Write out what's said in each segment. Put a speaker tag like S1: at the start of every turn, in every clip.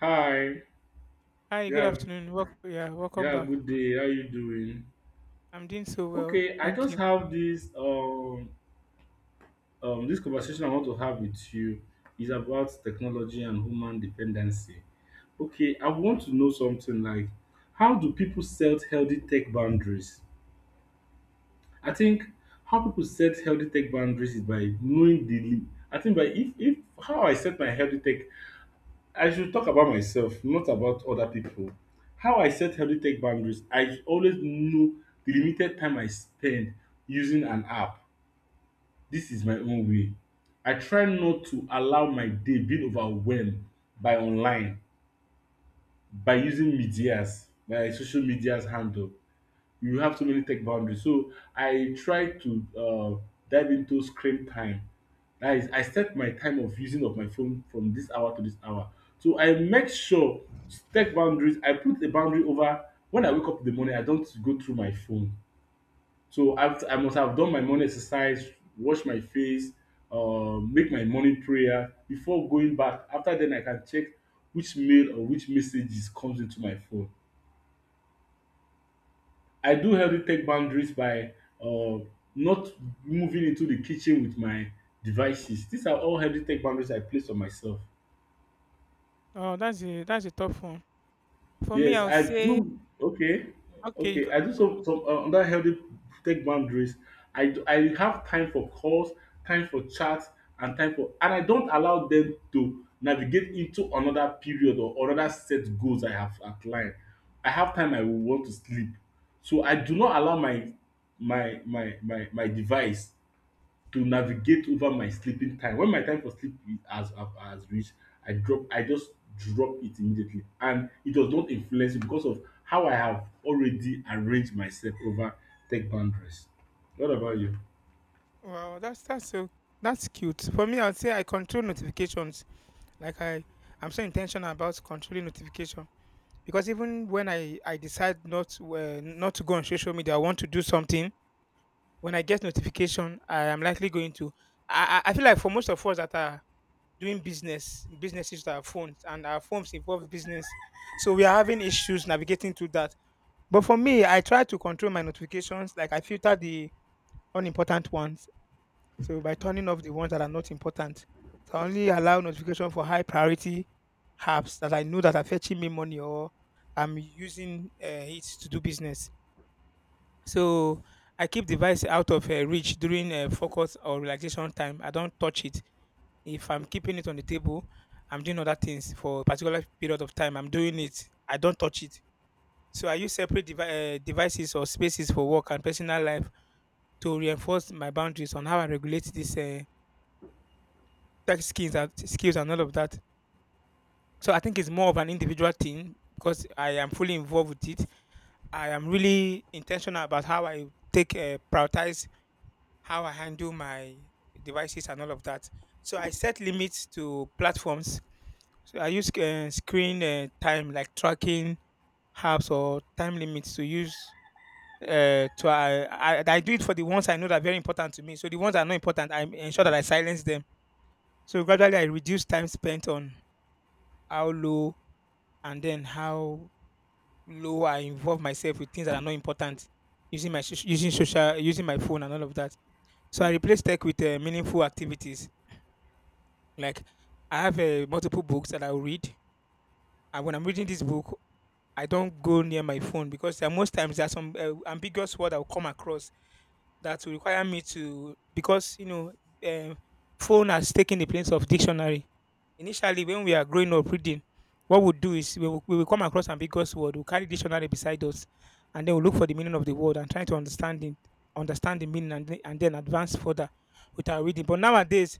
S1: Hi.
S2: Hi, good
S1: Yeah.
S2: afternoon. Welcome, yeah, welcome
S1: Yeah.
S2: back.
S1: Good day. How you doing?
S2: I'm doing so well,
S1: Okay. I
S2: thank
S1: just
S2: you.
S1: have this this conversation I want to have with you is about technology and human dependency. Okay. I want to know something like, how do people set healthy tech boundaries? I think how people set healthy tech boundaries is by knowing I think, by if how I set my healthy tech, I should talk about myself, not about other pipu. How I set healthy tech boundaries, I always know de limited time I spend using an app. Dis is my own way. I try not to allow my day being overwhelmed by online, by using medias, by social medias handle. You have so many tech boundaries. So I try to dive into screen time. That is, I set my time of using of my phone from this hour to this hour. So I make sure tech boundaries. I put a boundary over when I wake up in the morning. I don't go through my phone. So after I must have done my morning exercise, wash my face, make my morning prayer before going back. After then, I can check which mail or which messages comes into my phone. I do healthy tech boundaries by uh, not moving into the kitchen with my devices. These are all healthy tech boundaries I place on myself.
S2: Oh, that's a tough one. For me,
S1: Yes,
S2: I'll
S1: I
S2: say
S1: do. Okay,
S2: okay. You go,
S1: okay. I do
S2: oh,
S1: some under healthy tech boundaries. I have time for calls, time for chats, and time for, and I don't allow them to navigate into another period or another set goals I have outlined. I have time I will want to sleep, so I do not allow my device to navigate over my sleeping time. When my time for sleep has reached, I just drop it immediately and it does not influence it because of how I have already arranged myself over tech boundaries. What about you?
S2: wow, that's cute. For me, I'll say I control notifications. Like I'm so intentional about controlling notification because even when I decide not to go on social media, I want to do something. When I get notification, I am likely going to. I feel like for most of us that are doing businesses with our phones, and our phones involve business. So we are having issues navigating through that. But for me, I try to control my notifications. Like I filter the unimportant ones. So by turning off the ones that are not important, so I only allow notification for high priority apps that I know that are fetching me money or I'm using it to do business. So I keep device out of reach during focus or relaxation time. I don't touch it if I'm keeping it on the table, I'm doing other things for a particular period of time. I'm doing it. I don't touch it. So I use separate devices or spaces for work and personal life to reinforce my boundaries on how I regulate these tech skills and all of that. So I think it's more of an individual thing because I am fully involved with it. I am really intentional about how I take prioritize how I handle my devices and all of that. So I set limits to platforms. So I use screen time like tracking apps or time limits to use to I do it for the ones I know that are very important to me. So the ones that are not important, I ensure that I silence them. So gradually I reduce time spent on how low and then how low I involve myself with things that are not important using my soc- using social using my phone and all of that. So I replace tech with meaningful activities like I have multiple books that I will read. And when I'm reading this book, I don't go near my phone because there are most times there are some ambiguous word I'll come across that will require me to because um, phone has taken the place of dictionary. Initially, when we are growing up reading, what we do is we will come across ambiguous word, we'll carry dictionary beside us, and then we'll look for the meaning of the word and try to understand it, understand the meaning, and then advance further with our reading. But nowadays,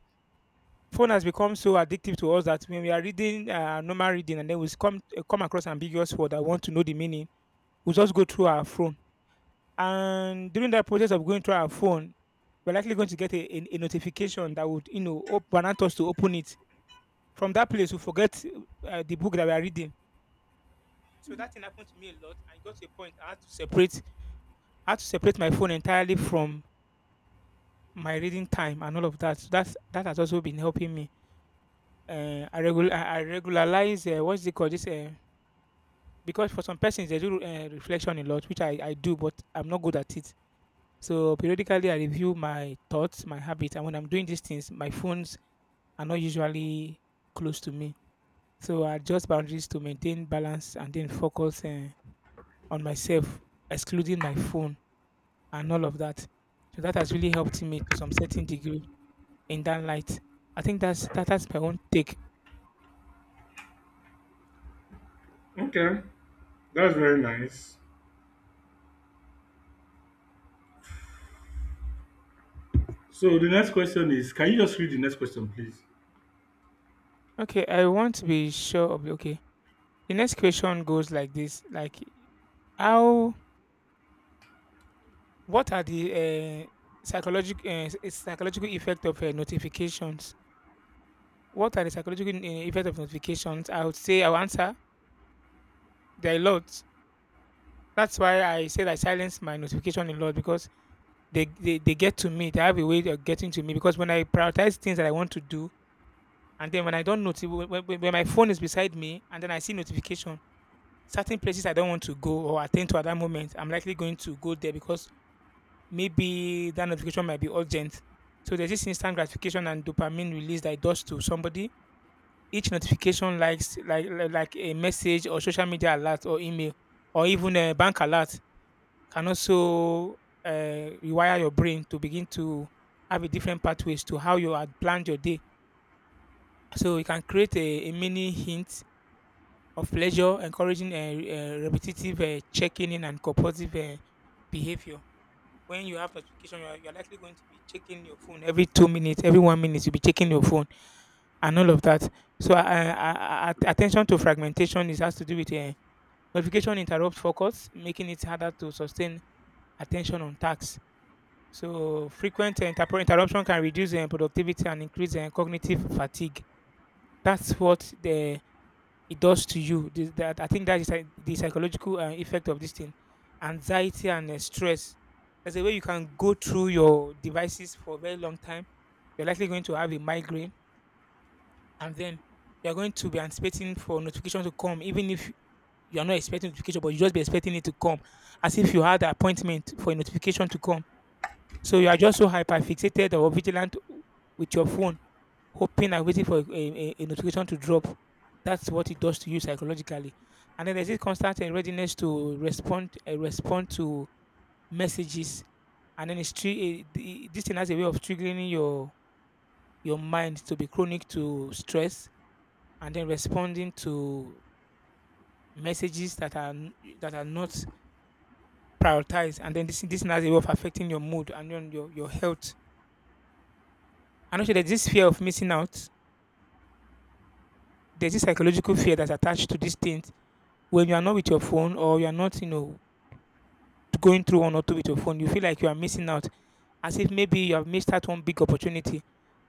S2: phone has become so addictive to us that when we are reading normal reading and then we come across ambiguous word, I want to know the meaning we'll just go through our phone. And during that process of going through our phone, we're likely going to get a notification that would, want us to open it. From that place, we forget the book that we are reading. So that thing happened to me a lot. I got to a point I had to separate my phone entirely from my reading time and all of that. So that has also been helping me. I regularize. What's it called? This Because for some persons they do reflection a lot, which I do, but I'm not good at it. So periodically, I review my thoughts, my habits, and when I'm doing these things, my phones are not usually close to me. So I adjust boundaries to maintain balance and then focus on myself, excluding my phone and all of that. So that has really helped me to some certain degree in that light. I think that's my own take.
S1: Okay, that's very nice. So the next question is, can you just read the next question, please?
S2: Okay, I want to be sure of okay. The next question goes like this: like how what are the psychological effect of notifications. What are the psychological effects of notifications? I would say I'll answer there are a lot. That's why I said I silence my notification a lot because they get to me. They have a way of getting to me because when I prioritize things that I want to do, and then when I don't notice, when my phone is beside me and then I see notification, certain places I don't want to go or attend to at that moment, I'm likely going to go there because maybe that notification might be urgent. So there's this instant gratification and dopamine release that it does to somebody. Each notification likes like a message or social media alert or email or even a bank alert can also rewire your brain to begin to have a different pathways to how you had planned your day. So you can create a mini hint of pleasure, encouraging a repetitive checking in and compulsive behavior. When you have notification, you are likely going to be checking your phone every 2 minutes, every 1 minute. You'll be checking your phone and all of that. So, attention to fragmentation is has to do with notification interrupt focus, making it harder to sustain attention on tasks. So, frequent interruption can reduce productivity and increase cognitive fatigue. That's what the it does to you. That I think that is like the psychological effect of this thing, anxiety and stress. There's a way you can go through your devices for a very long time. You're likely going to have a migraine, and then you're going to be anticipating for notification to come, even if you're not expecting notification, but you just be expecting it to come, as if you had an appointment for a notification to come. So you are just so hyper fixated or vigilant with your phone hoping and waiting for a notification to drop. That's what it does to you psychologically. And then there's this constant readiness to respond to messages. And then it's this thing has a way of triggering your mind to be chronic to stress and then responding to messages that are not prioritized. And then this thing has a way of affecting your mood and your health. And also there's this fear of missing out. There's this psychological fear that's attached to these things when you are not with your phone or you are not, going through one or two with your phone, you feel like you are missing out. As if maybe you have missed out one big opportunity.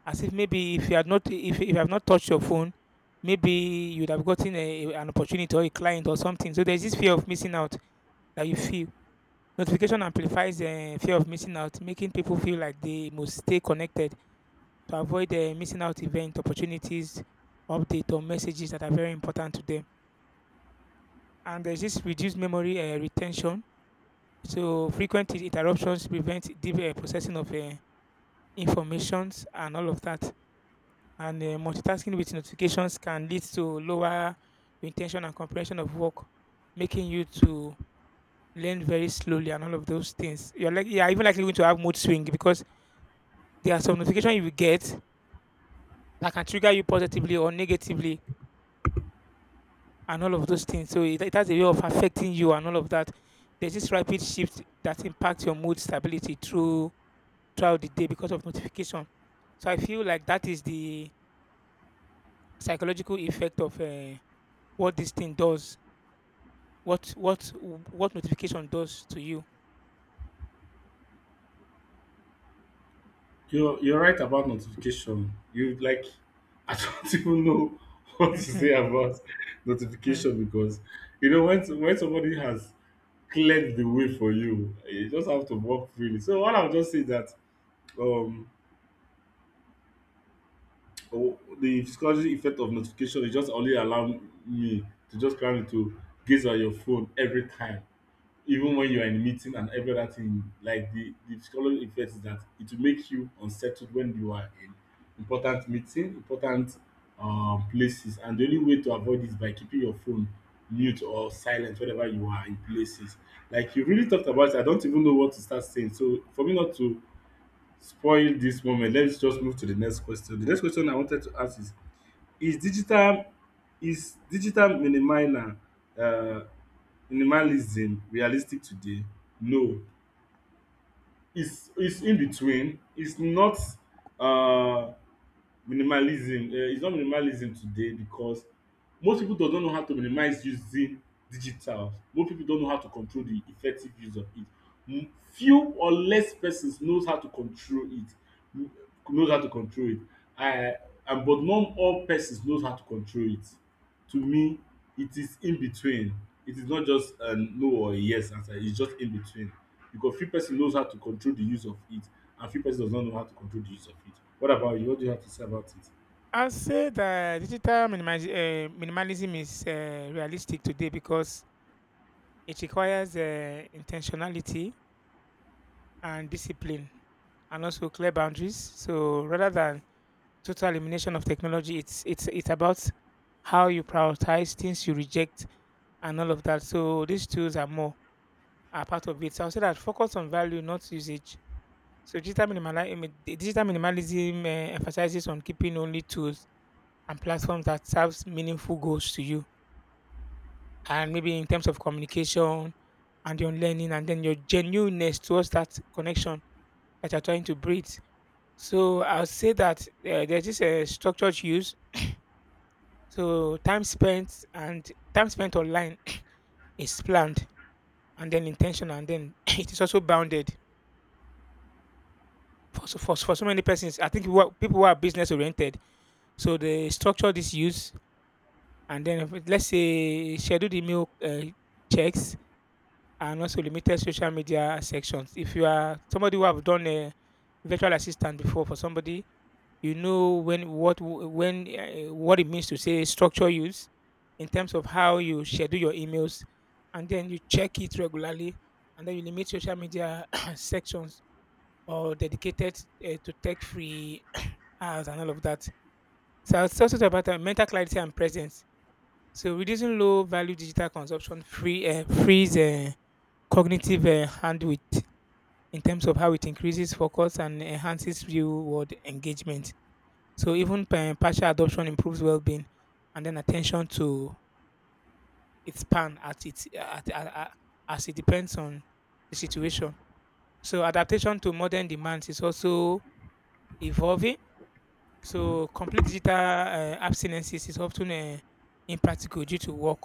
S2: As if maybe if you had not if you have not touched your phone, maybe you'd have gotten a, an opportunity or a client or something. So there's this fear of missing out that you feel. Notification amplifies the fear of missing out, making people feel like they must stay connected to avoid the missing out event, opportunities, update or messages that are very important to them. And there's this reduced memory retention. So frequent interruptions prevent deep processing of informations and all of that. And multitasking with notifications can lead to lower intention and comprehension of work, making you to learn very slowly and all of those things. You're even likely going to have mood swing because there are some notifications you will get that can trigger you positively or negatively and all of those things. So it has a way of affecting you and all of that. There's this rapid shift that impacts your mood stability throughout the day because of notification. So I feel like that is the psychological effect of what this thing does, what notification does to you.
S1: You're right about notification. You like I don't even know what to
S2: Hmm.
S1: say about notification, because you know when somebody has cleared the way for you, you just have to walk freely. So what I'll just say that, um oh, the psychology effect of notification is just only allow me to just plan to gaze at your phone every time, even when you are in meeting and every other thing. Like, the psychology effect is that it will make you unsettled when you are in important meeting, important places, and the only way to avoid is by keeping your phone mute or silent whenever you are in places. Like you really talked about it, I don't even know what to start saying, so for me not to spoil this moment, let's just move to the next question. The next question I wanted to ask is digital is digital miniminer uh minimalism realistic today? No, it's in between. It's not, um minimalism, it's not minimalism today, because most people does not know how to minimize using digital. Most people don't know how to control the effective use of it. Few or less persons knows how to control it. m- Knows how to control it, um and but not all persons knows how to control it. To me, it is in between. It is not just a no or a yes answer. It's just in between, because few person knows how to control the use of it, and few person does not know how to control the use of it. What about you? What do you have to say about it?
S2: I'll say that digital minimalism is realistic today because it requires intentionality and discipline and also clear boundaries. So rather than total elimination of technology. It's about how you prioritize things you reject and all of that. So these tools are part of it. So I'll say that focus on value, not usage. So digital minimalism emphasizes on keeping only tools and platforms that serves meaningful goals to you, and maybe in terms of communication and your learning, and then your genuineness towards that connection that you're trying to breed. So I'll say that there's this structured use. So time spent and time spent online is planned and then intentional, and then it is also bounded. For so many persons, I think what people who are business oriented, so they structure this use, and then if let's say scheduled email checks and also limited social media sections. If you are somebody who have done a virtual assistant before for somebody, you know when what when what it means to say structure use in terms of how you schedule your emails and then you check it regularly and then you limit social media sections, or dedicated to tech free hours and all of that. So it's also talk about mental clarity and presence. So reducing low value digital consumption frees cognitive bandwidth in terms of how it increases focus and enhances real world engagement. So even partial adoption improves well-being, and then attention to its span at its at- as it depends on the situation. So adaptation to modern demands is also evolving. So complete digital abstinences is often impractical due to work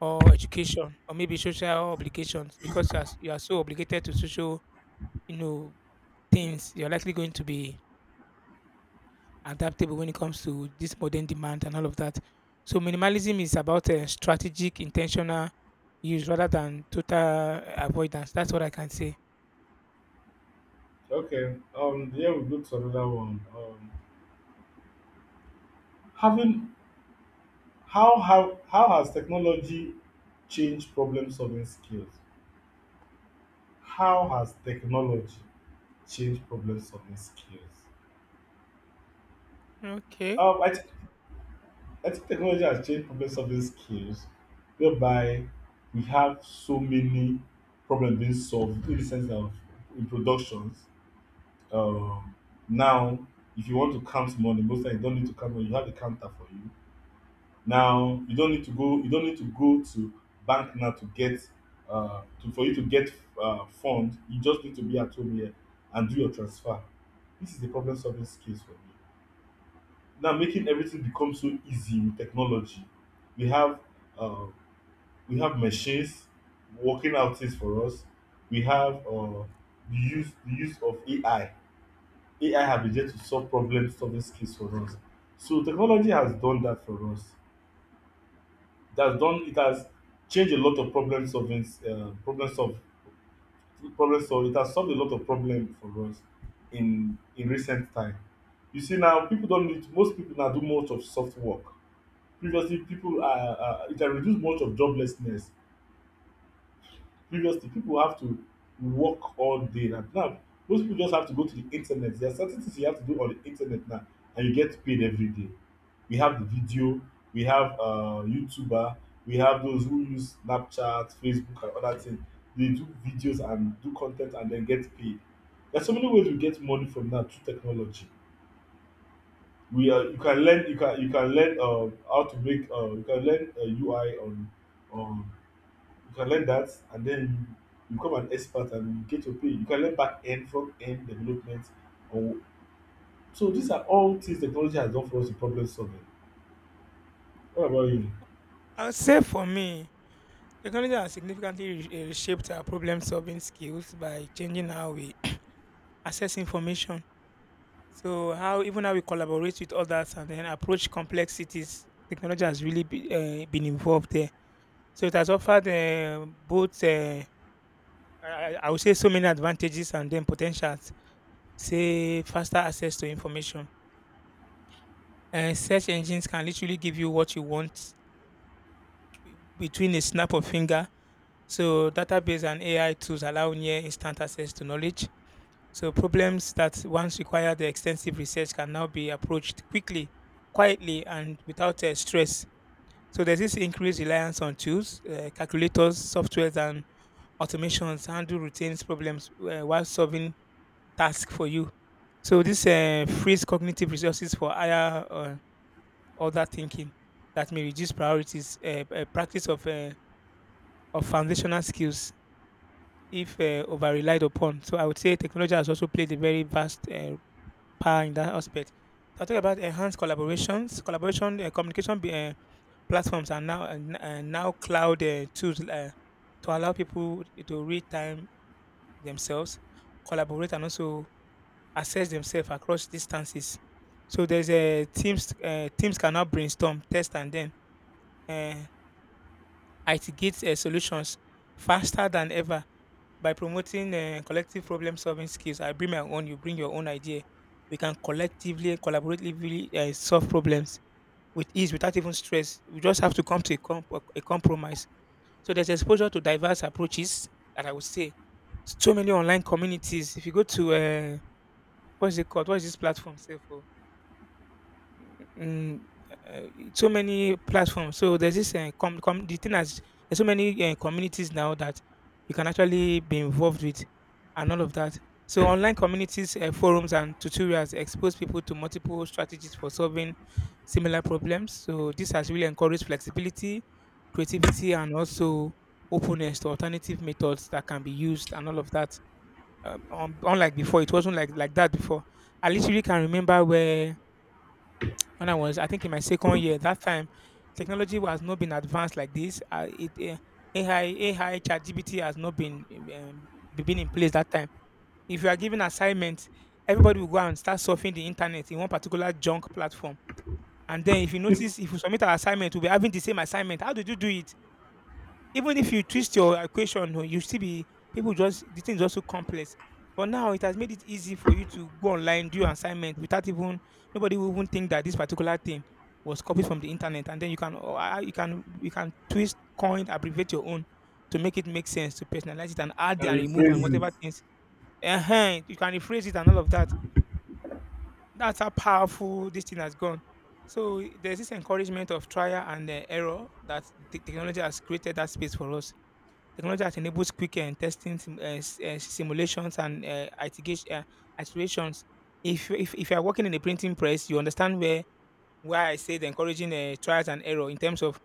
S2: or education or maybe social obligations, because you are so obligated to social, you know, things. You're likely going to be adaptable when it comes to this modern demand and all of that. So minimalism is about a strategic, intentional use rather than total avoidance. That's what I can say.
S1: Okay. Yeah, we go to another one. Having How has technology changed problem solving skills? How has technology changed problem solving skills?
S2: Okay.
S1: Um. I think I think technology has changed problem solving skills, whereby we have so many problems being solved in the sense of in productions. Um, Now, if you want to count money, most times you don't need to count money, you have a counter for you. Now you don't need to go you don't need to go to bank now to get for you to get fund. You just need to be at home here and do your transfer. This is the problem solving skills for me, now making everything become so easy with technology. We have uh, we have machines working out things for us. We have the use of AI. AI have been there to solve problem solving skills for us. So technology has done that for us. It has changed a lot of problem solving, problem solve problem solve. It has solved a lot of problem for us in recent time. You see now, people don't need, most people now do most of soft work. Previously, people are it can reduce much of joblessness. Previously, people have to work all day. Now, Now, most people just have to go to the internet. There are certain things you have to do on the internet now, and you get paid every day. We have the video, we have YouTuber, we have those who use Snapchat, Facebook, and other things. They do videos and do content and then get paid. There's so many ways we get money from now through technology. We are you can learn how to make you can learn UI on on You can learn that, and then you become an expert and you get your pay. You can learn back end, front end development. Or, so these are all things technology has done for us in problem solving. What about you?
S2: I would say for me, technology has significantly reshaped our problem solving skills by changing how we access information. So how, even how we collaborate with others and then approach complexities, technology has really been involved there. So it has offered both, uh, I would say, so many advantages and then potentials. Say faster access to information. Search engines can literally give you what you want between a snap of finger. So database and AI tools allow near instant access to knowledge. So problems that once required extensive research can now be approached quickly, quietly, and without stress. So there's this increased reliance on tools, calculators, softwares, and automations handle routines problems while solving tasks for you. So this frees cognitive resources for higher order thinking that may reduce priorities. Practice of foundational skills if over relied upon. So I would say technology has also played a very vast power in that aspect. So I talk about enhanced collaboration, communication platforms are now now cloud tools to allow people to real time themselves, collaborate, and also assess themselves across distances. So there's a teams can now brainstorm, test, and then uh, ideate solutions faster than ever by promoting collective problem solving skills. I bring my own, you bring your own idea. We can collectively and collaboratively solve problems with ease without even stress. We just have to come to a compromise. So there's exposure to diverse approaches, that I would say. So many online communities. If you go to what is it called? What is this platform? Say Mm, uh, so many platforms. So there's this com- com- the thing as there's so many communities now that you can actually be involved with, and all of that. So online communities, forums, and tutorials expose people to multiple strategies for solving similar problems. So this has really encouraged flexibility, creativity, and also openness to alternative methods that can be used, and all of that. Unlike before, it wasn't like that before. I literally can remember where when I was, I think, in my second year. That time, technology has not been advanced like this. Uh, it uh, AI, AI, ChatGPT has not been been in place that time. If you are given assignments, everybody will go out and start surfing the internet in one particular junk platform. And then, if you notice, if you submit our assignment, we'll be having the same assignment. How did you do it? Even if you twist your equation, oh, you still be people just the thing is also complex. But now it has made it easy for you to go online, do your assignment without even nobody will even think that this particular thing was copied from the internet, and then you can you can you can twist, coin, abbreviate your own to make it make sense, to personalize it and add
S1: Can
S2: and remove and
S1: rephrase it?
S2: whatever things. You can rephrase it and all of that. That's how powerful this thing has gone. So there's this encouragement of trial and error that the technology has created that space for us. Technology has enabled quick and testing simulations and iterations. If, if you are working in a printing press, you understand where why I said encouraging trials and error in terms of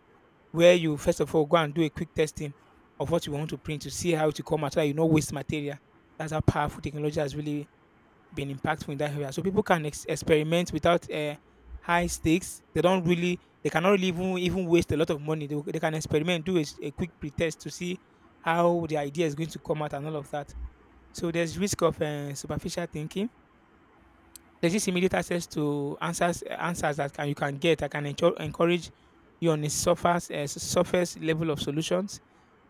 S2: where you first of all go and do a quick testing of what you want to print to see how it will come out, so that you not waste material. That's how powerful technology has really been impactful in that area. So people can experiment without high stakes. They don't really, they cannot really even, even waste a lot of money. They can experiment, do a quick pretest to see how the idea is going to come out and all of that. So there's risk of superficial thinking. There's this immediate access to answers that can, you can get I can encourage you on a surface level of solutions.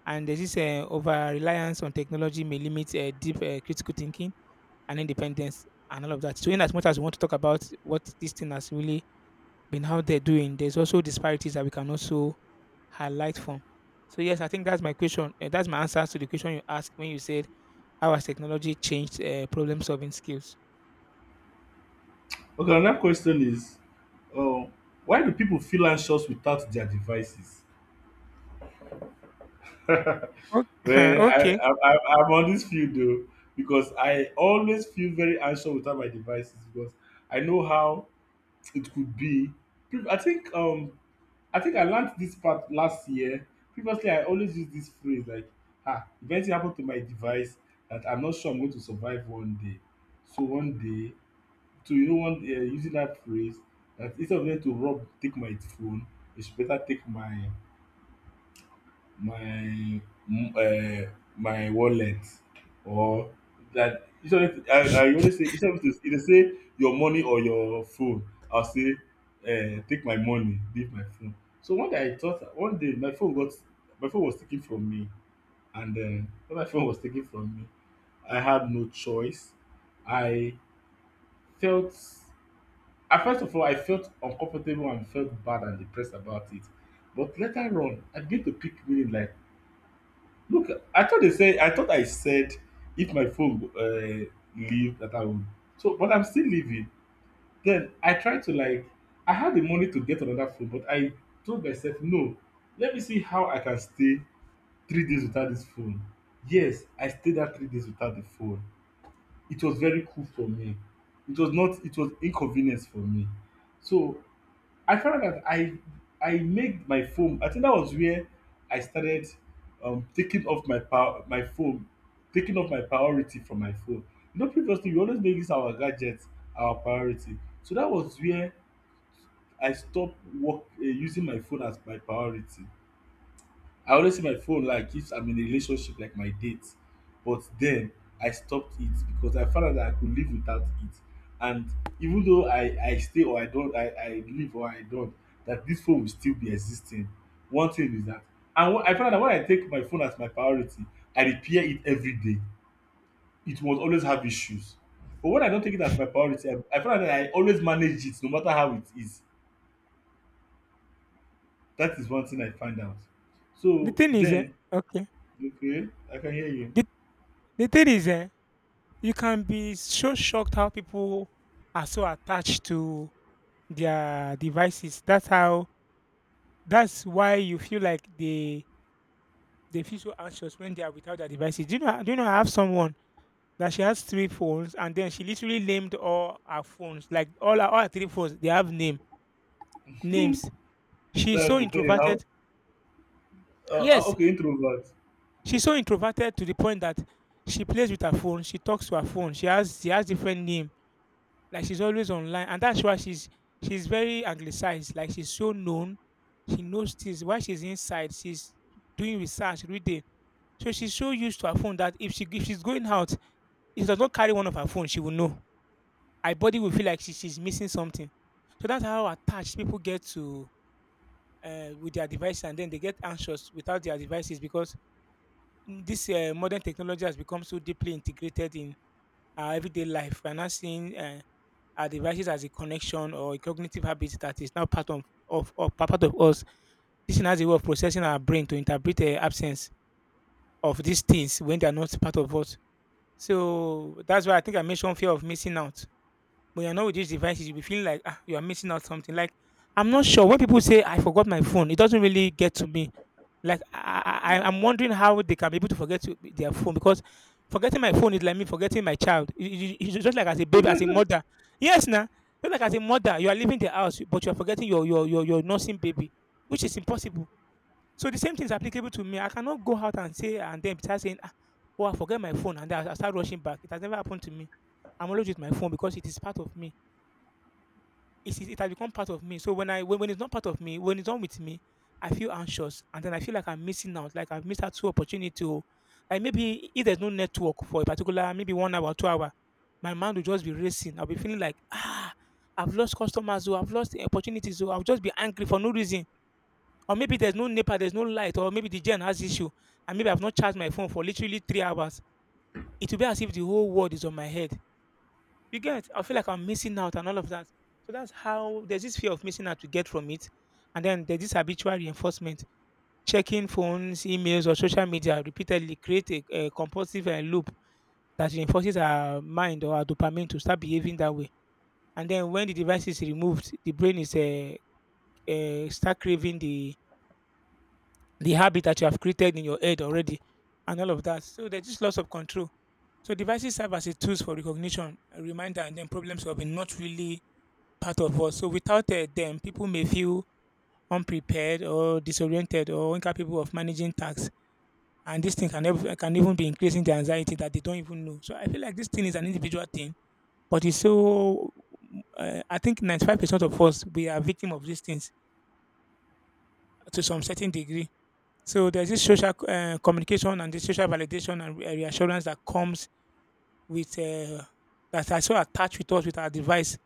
S2: And there's this over reliance on technology may limit deep critical thinking and independence and all of that. So, in as much as we want to talk about what this thing has really been out there doing, there's also disparities that we can also highlight from. So, yes, I think that's my question. That's my answer to the question you asked when you said, how has technology changed problem solving skills?
S1: Okay, another question is, uh, why do people feel anxious without their devices? Well,
S2: Okay.
S1: I,
S2: Okay.
S1: I'm on this field though, because I always feel very anxious without my devices, because I know how it could be. Peop- I think um I think I learnt dis part last year. Previously, I always use dis phrase like, ah, if anything happen to my device, that I'm not sure I'm going to survive one day. So one day, so you know one using dat phrase, that instead of them to rob take my phone, they should better take my my my wallet, or like, instead of me to, I always say, instead of me to, if dem say your money or your phone, I go say, take my money, leave my phone. So one day I thought, one day my phone got, my phone was taken from me. And when my phone was taken from me, I had no choice. I felt i first of all I felt uncomfortable and felt bad and depressed about it. But later on, I begin to pick meaning, like, look, I thought they said, I thought I said, if my phone, leave, that I would, so but I'm still leaving. Then I tried to, like, I had the money to get another phone, but I told myself no, let me see how I can stay 3 days without this phone. Yes, I stayed that 3 days without the phone. It was very cool for me. It was not, it was inconvenience for me. So I found out that I made my phone. I think that was where I started taking off my power, my phone, taking off my priority from my phone. You know, previously we always make this our gadget, our priority. So that was where I stopped using my phone as my priority. I always see my phone like if I'm in a relationship, like my date. But then I stopped it, because I found out that I could live without it. And even though I stay or I don't, I live or I don't, that this phone will still be existing. One thing is that, I found out that when I take my phone as my priority, I repair it every day. It will always have issues. But when I don't take it as my priority, I find out that I always manage it no matter how it is. That is one thing I find out.
S2: The
S1: So
S2: thing is, eh,
S1: then,
S2: okay.
S1: okay, I can hear you.
S2: The, the thing is, you can be so shocked how people are so attached to their devices. That's that's why you feel like they feel so anxious when they are without their devices. Do you know? Do you know? I have someone that she has three phones, and then she literally named all her phones, like all her three phones. They have names. She's so
S1: That could tell you how.
S2: introverted. Yes,
S1: Okay, introvert.
S2: she's so introverted to the point that she plays with her phone. She talks to her phone. She has different name. Like she's always online, and that's why she's very anglicized. Like she's so known. She knows things. While she's inside, she's doing research, reading. So she's so used to her phone that if she's going out, if she does not carry one of her phone, she will know. Her body will feel like she's missing something. So that's how attached people get to with their devices, and then they get anxious without their devices, because this modern technology has become so deeply integrated in our everyday life. We're not seeing our devices as a connection or a cognitive habit that is now part of part of us. This thing has a way of processing our brain to interpret the absence of these things when they are not part of us. So that's why I think I mentioned fear of missing out. But you're not with these devices, you'll be feeling like ah, you are missing out something. Like I'm not sure when people say I forgot my phone, it doesn't really get to me. Like I'm wondering how they can be able to forget to, their phone, because forgetting my phone is like me forgetting my child. It's just like as a baby, as a mother. Yes, now just like as a mother, you are leaving the house, but you are forgetting your nursing baby, which is impossible. So the same thing is applicable to me. I cannot go out and say and then start saying, ah, oh, I forget my phone, and then I start rushing back. It has never happened to me. I'm always with my phone because it is part of me, it has become part of me. So when it's not part of me, when it's not with me, I feel anxious and then I feel like I'm missing out, like I've missed out two opportunity to, like, maybe if there's no network for a particular maybe 1 hour, 2 hour, my mind will just be racing. I'll be feeling like ah I've lost customers, or I've lost the opportunities, or I'll just be angry for no reason. Or maybe there's no NEPA, there's no light, or maybe the gen has issue, and maybe I've not charged my phone for literally 3 hours. It will be as if the whole world is on my head. You get? I feel like I'm missing out and all of that. So that's how there's this fear of missing out to get from it. And then there's this habitual reinforcement. Checking phones, emails, or social media repeatedly create a compulsive loop that reinforces our mind or our dopamine to start behaving that way. And then when the device is removed, the brain is start craving the habit that you have created in your head already, and all of that. So there's just loss of control. So devices serve as a tools for recognition, a reminder, and then problem solving, not really part of us. So without them, people may feel unprepared or disoriented or incapable of managing tasks. And this thing can, can even be increasing the anxiety that they don't even know. So I feel like this thing is an individual thing, but it's so. I think 95% of us, we are victim of these things to some certain degree. So there's this social communication and this social validation and reassurance that comes with that are so attached with us with our device.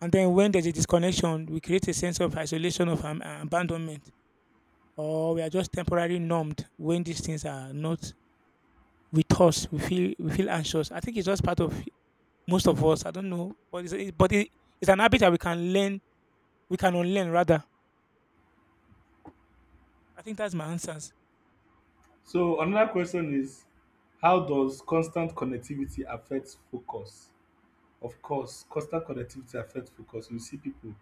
S2: And then when there's a disconnection, we create a sense of isolation of abandonment, or we are just temporarily numbed when these things are not with us. We feel anxious. I think it's just part of most of us. I don't know, but it's it, but it, it's an habit that we can learn. We can unlearn rather. I think that's my answers.
S1: So another question is, how does constant connectivity affect focus? Of course, constant connectivity affect focus. You see pipu,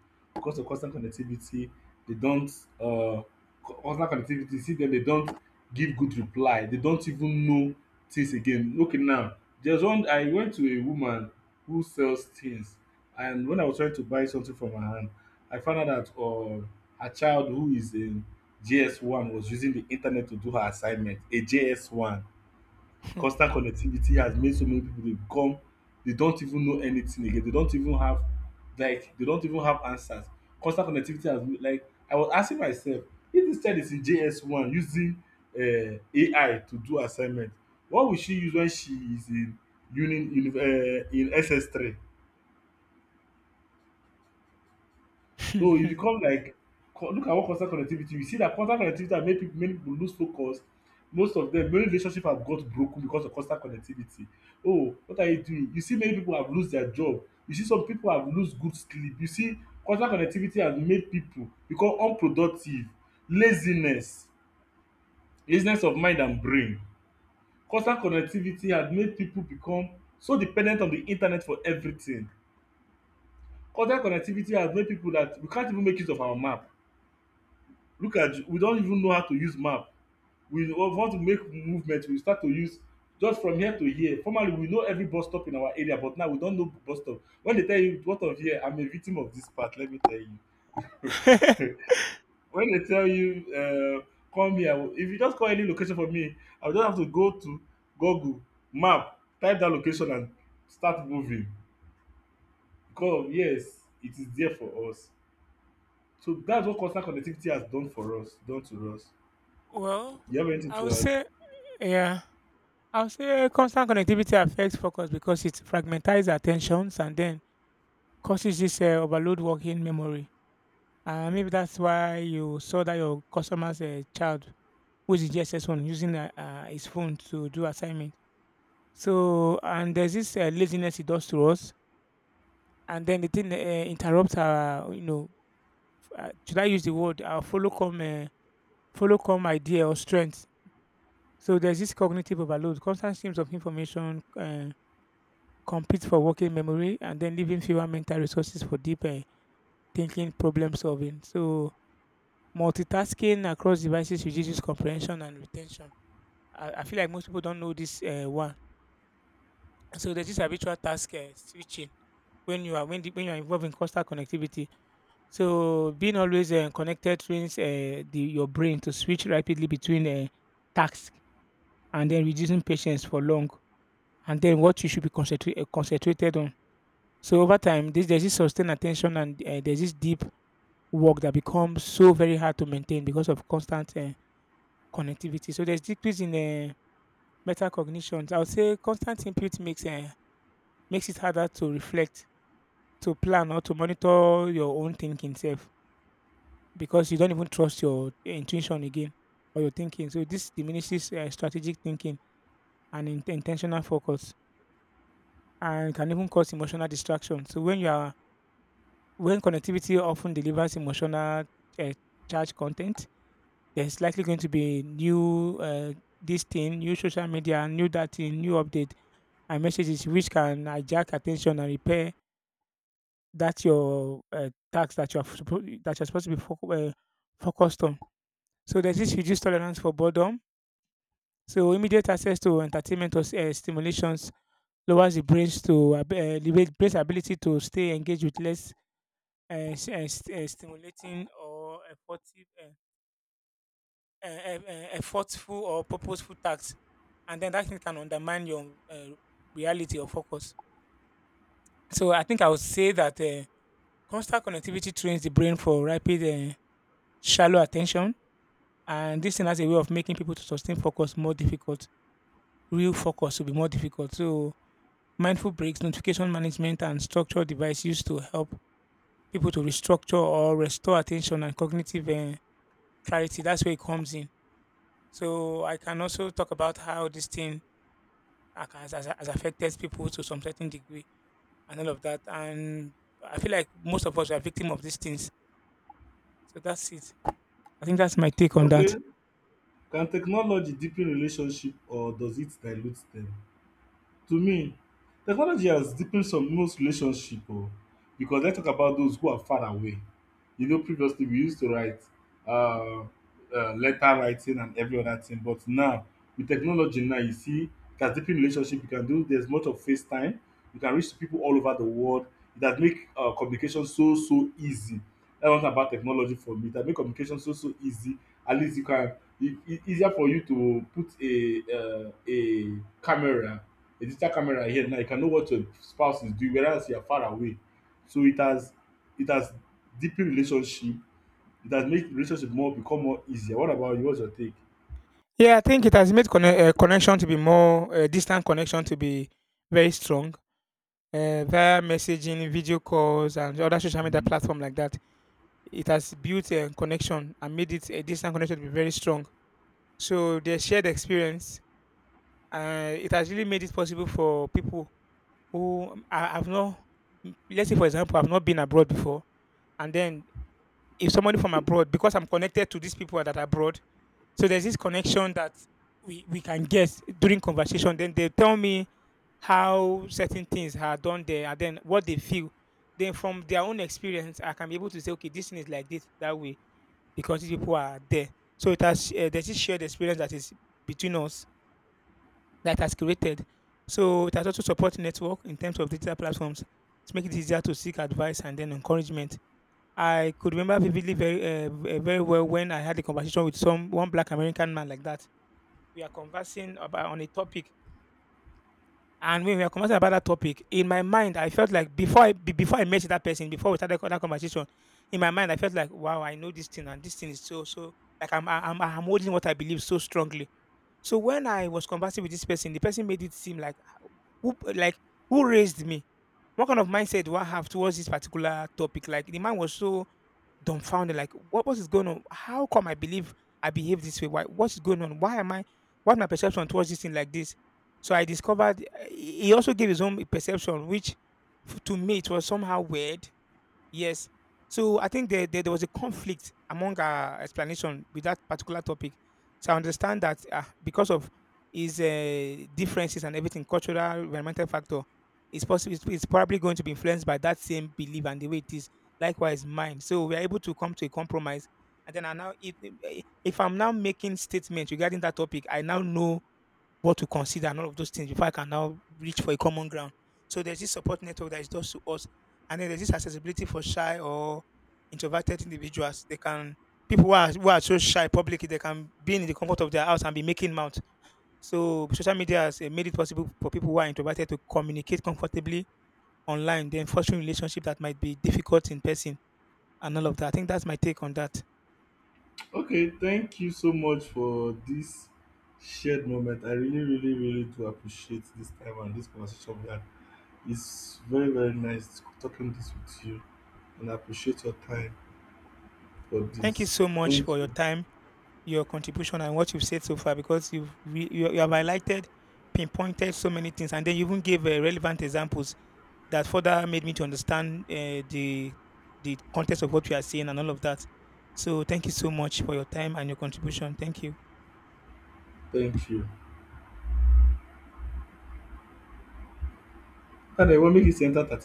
S1: because of constant connectivity, dey don't, um constant connectivity, you see dem dey don't give good reply, dey don't even know things again. Okay now, there's one, I went to a woman who sells things, and when I was trying to buy something from her hand, I found out that, her child who is a JS1 was using the internet to do her assignment, a JS1. Constant connectivity has made so many people dey become, they don't even know anything again, they don't even have like they don't even have answers. Constant connectivity has made, like, I was asking myself, if this child is in JS1 using AI to do assignment, what will she use when she is in uni, in SS3? So e become like, co look at what constant connectivity, we see dat constant connectivity has made pipu, many pipu lose focus. Most of dem, many relationship have got broken because of constant connectivity. Oh, what are you doing? You see many pipu have lose their job, you see some pipu have lose good sleep, you see, constant connectivity has made pipu become unproductive, laziness, laziness of mind and brain. Constant connectivity has made pipu become so dependent on de internet for everything. Constant connectivity has made pipu dat we can't even make use of our map. Look at you, we don't even know how to use map. We want to make movement, we start to use just from here to here. Formerly, we know every bus stop in our area, but now we don't know bus stop. When they tell you, what of here, I'm a victim of this part, let me tell you. When they tell you, uh, come here, if you just call any location for me, I will just have to go to Google map, type that location, and start moving. Because of, yes, it is there for us. So that's what constant connectivity has done for us, done to us.
S2: Well,
S1: Do you have anything
S2: I would
S1: to add?
S2: say yeah. I would say constant connectivity affects focus because it fragmentizes attentions and then causes this overload working memory. Maybe that's why you saw that your customers child which is the GSS one, using his phone to do assignment. So, and there's this laziness it does to us, and then the thing interrupts our, you know, should I use the word our follow come idea or strength. So there's this cognitive overload, constant streams of information compete for working memory, and then leaving fewer mental resources for deeper thinking, problem solving. So multitasking across devices reduces comprehension and retention. I feel like most people don't know this one. So there's this habitual task switching when you are when, the, when you are involved in constant connectivity. So being always connected trains your brain to switch rapidly between tasks and then reducing patience for long, and then what you should be concentrated on. So over time, this there's this sustained attention and there's this deep work that becomes so very hard to maintain because of constant connectivity. So there's decrease in uh, metacognitions. I would say constant input makes it harder to reflect to plan or to monitor your own thinking self because you don't even trust your intuition again or your thinking. So this diminishes strategic thinking and intentional focus and can even cause emotional distraction. So when you are when connectivity often delivers emotional uh, charge content, there's likely going to be new this thing, new social media, new that thing, new update and messages which can hijack attention and repair that's your task that you're supposed to be focused on. So there's this reduced tolerance for boredom. So immediate access to entertainment or stimulations lowers the brain's the brain's ability to stay engaged with less stimulating or effortful or purposeful tasks, and then that thing can undermine your reality or focus. So I think I would say that constant connectivity trains the brain for rapid. Uh, Shallow attention and this thing has a way of making people to sustain focus more difficult. Real focus will be more difficult. So mindful breaks, notification management, and structured device used to help people to restructure or restore attention and cognitive clarity. That's where it comes in. So I can also talk about how this thing has affected people to some certain degree and all of that. And I feel like most of us are victim of these things. So that's it. I think that's my take on
S1: Okay,
S2: that.
S1: can technology deepen relationship or does it dilute them? To me, technology has deepened some most relationship o, because let's talk about those who are far away. You know, previously we used to write um letter writing and every other thing, but now, with technology now, you see, it has deepened relationship. You can do there's much of FaceTime. You can reach people all over the world. It has make communication so so easy. That's one thing about technology for me. It has make communication so so easy. At least you can it e easier for you to put camera a digital camera here now, you can know what your spouse is doing, whereas you are far away. So it has deepened relationship. It has made relationship more become more easier. What about you? What's your take?
S2: Yeah, I think it has made connection to be more distant connection to be very strong via messaging, video calls, and other social media
S1: Mm.
S2: platform like that. It has built a connection and made it a distant connection to be very strong. So their shared experience, it has really made it possible for people have not, let's say for example, I've not been abroad before, and then if somebody from abroad, because I'm connected to these people that are abroad. So there's this connection that we can guess during conversation. Then they tell me how certain things are done there and then what they feel. Then from their own experience, I can be able to say, okay, this thing is like this that way because these people are there. So it has there's this shared experience that is between us that has created. So it has also support network in terms of digital platforms to make it easier to seek advice and then encouragement. I could remember vividly very well when I had a conversation with some one black American man like that. We are conversing about on a topic, and when we are conversing about that topic in my mind I felt like before I met that person before we started that conversation, in my mind I felt like wow I know this thing and this thing is so so like I'm holding what I believe so strongly. So when I was conversing with this person the person made it seem like who, like who raised me, what kind of mindset do I have towards this particular topic. Like the man was so dumbfounded, like, What is going on? How come I believe I behave this way? Why? What's going on? Why am I? Why my perception towards this thing like this? So I discovered he also gave his own perception, which to me it was somehow weird. Yes. So I think there was a conflict among our explanation with that particular topic. So I understand that because of his differences and everything, cultural, environmental factor, it's possible it's probably going to be influenced by that same belief and the way it is. Likewise, mine. So we are able to come to a compromise. And then if I'm now making statements regarding that topic, I now know what to consider and all of those things before I can now reach for a common ground. So there's this support network that is just to us. And then there's this accessibility for shy or introverted individuals. They can People who are so shy publicly, they can be in the comfort of their house and be making mouth. So social media has eh, made it possible for people who are introverted to communicate comfortably online, then fostering relationship that might be difficult in person and all of that. I think that's my take on that.
S1: Okay, thank you so much for this shared moment. I really, really, really do appreciate this time and this conversation we had. It's very, very nice talking this with you, and I appreciate your time for
S2: Thank you
S1: this.
S2: so much
S1: Thank
S2: for your
S1: you.
S2: time, your contribution, and what you've said so far because you, you have highlighted, pinpointed so many things, and then you even gave relevant examples that further made me to understand the context of what we are saying and all of that. So thank you so much for your time and your contribution. Thank you.
S1: Thank you. Tade, what make you enter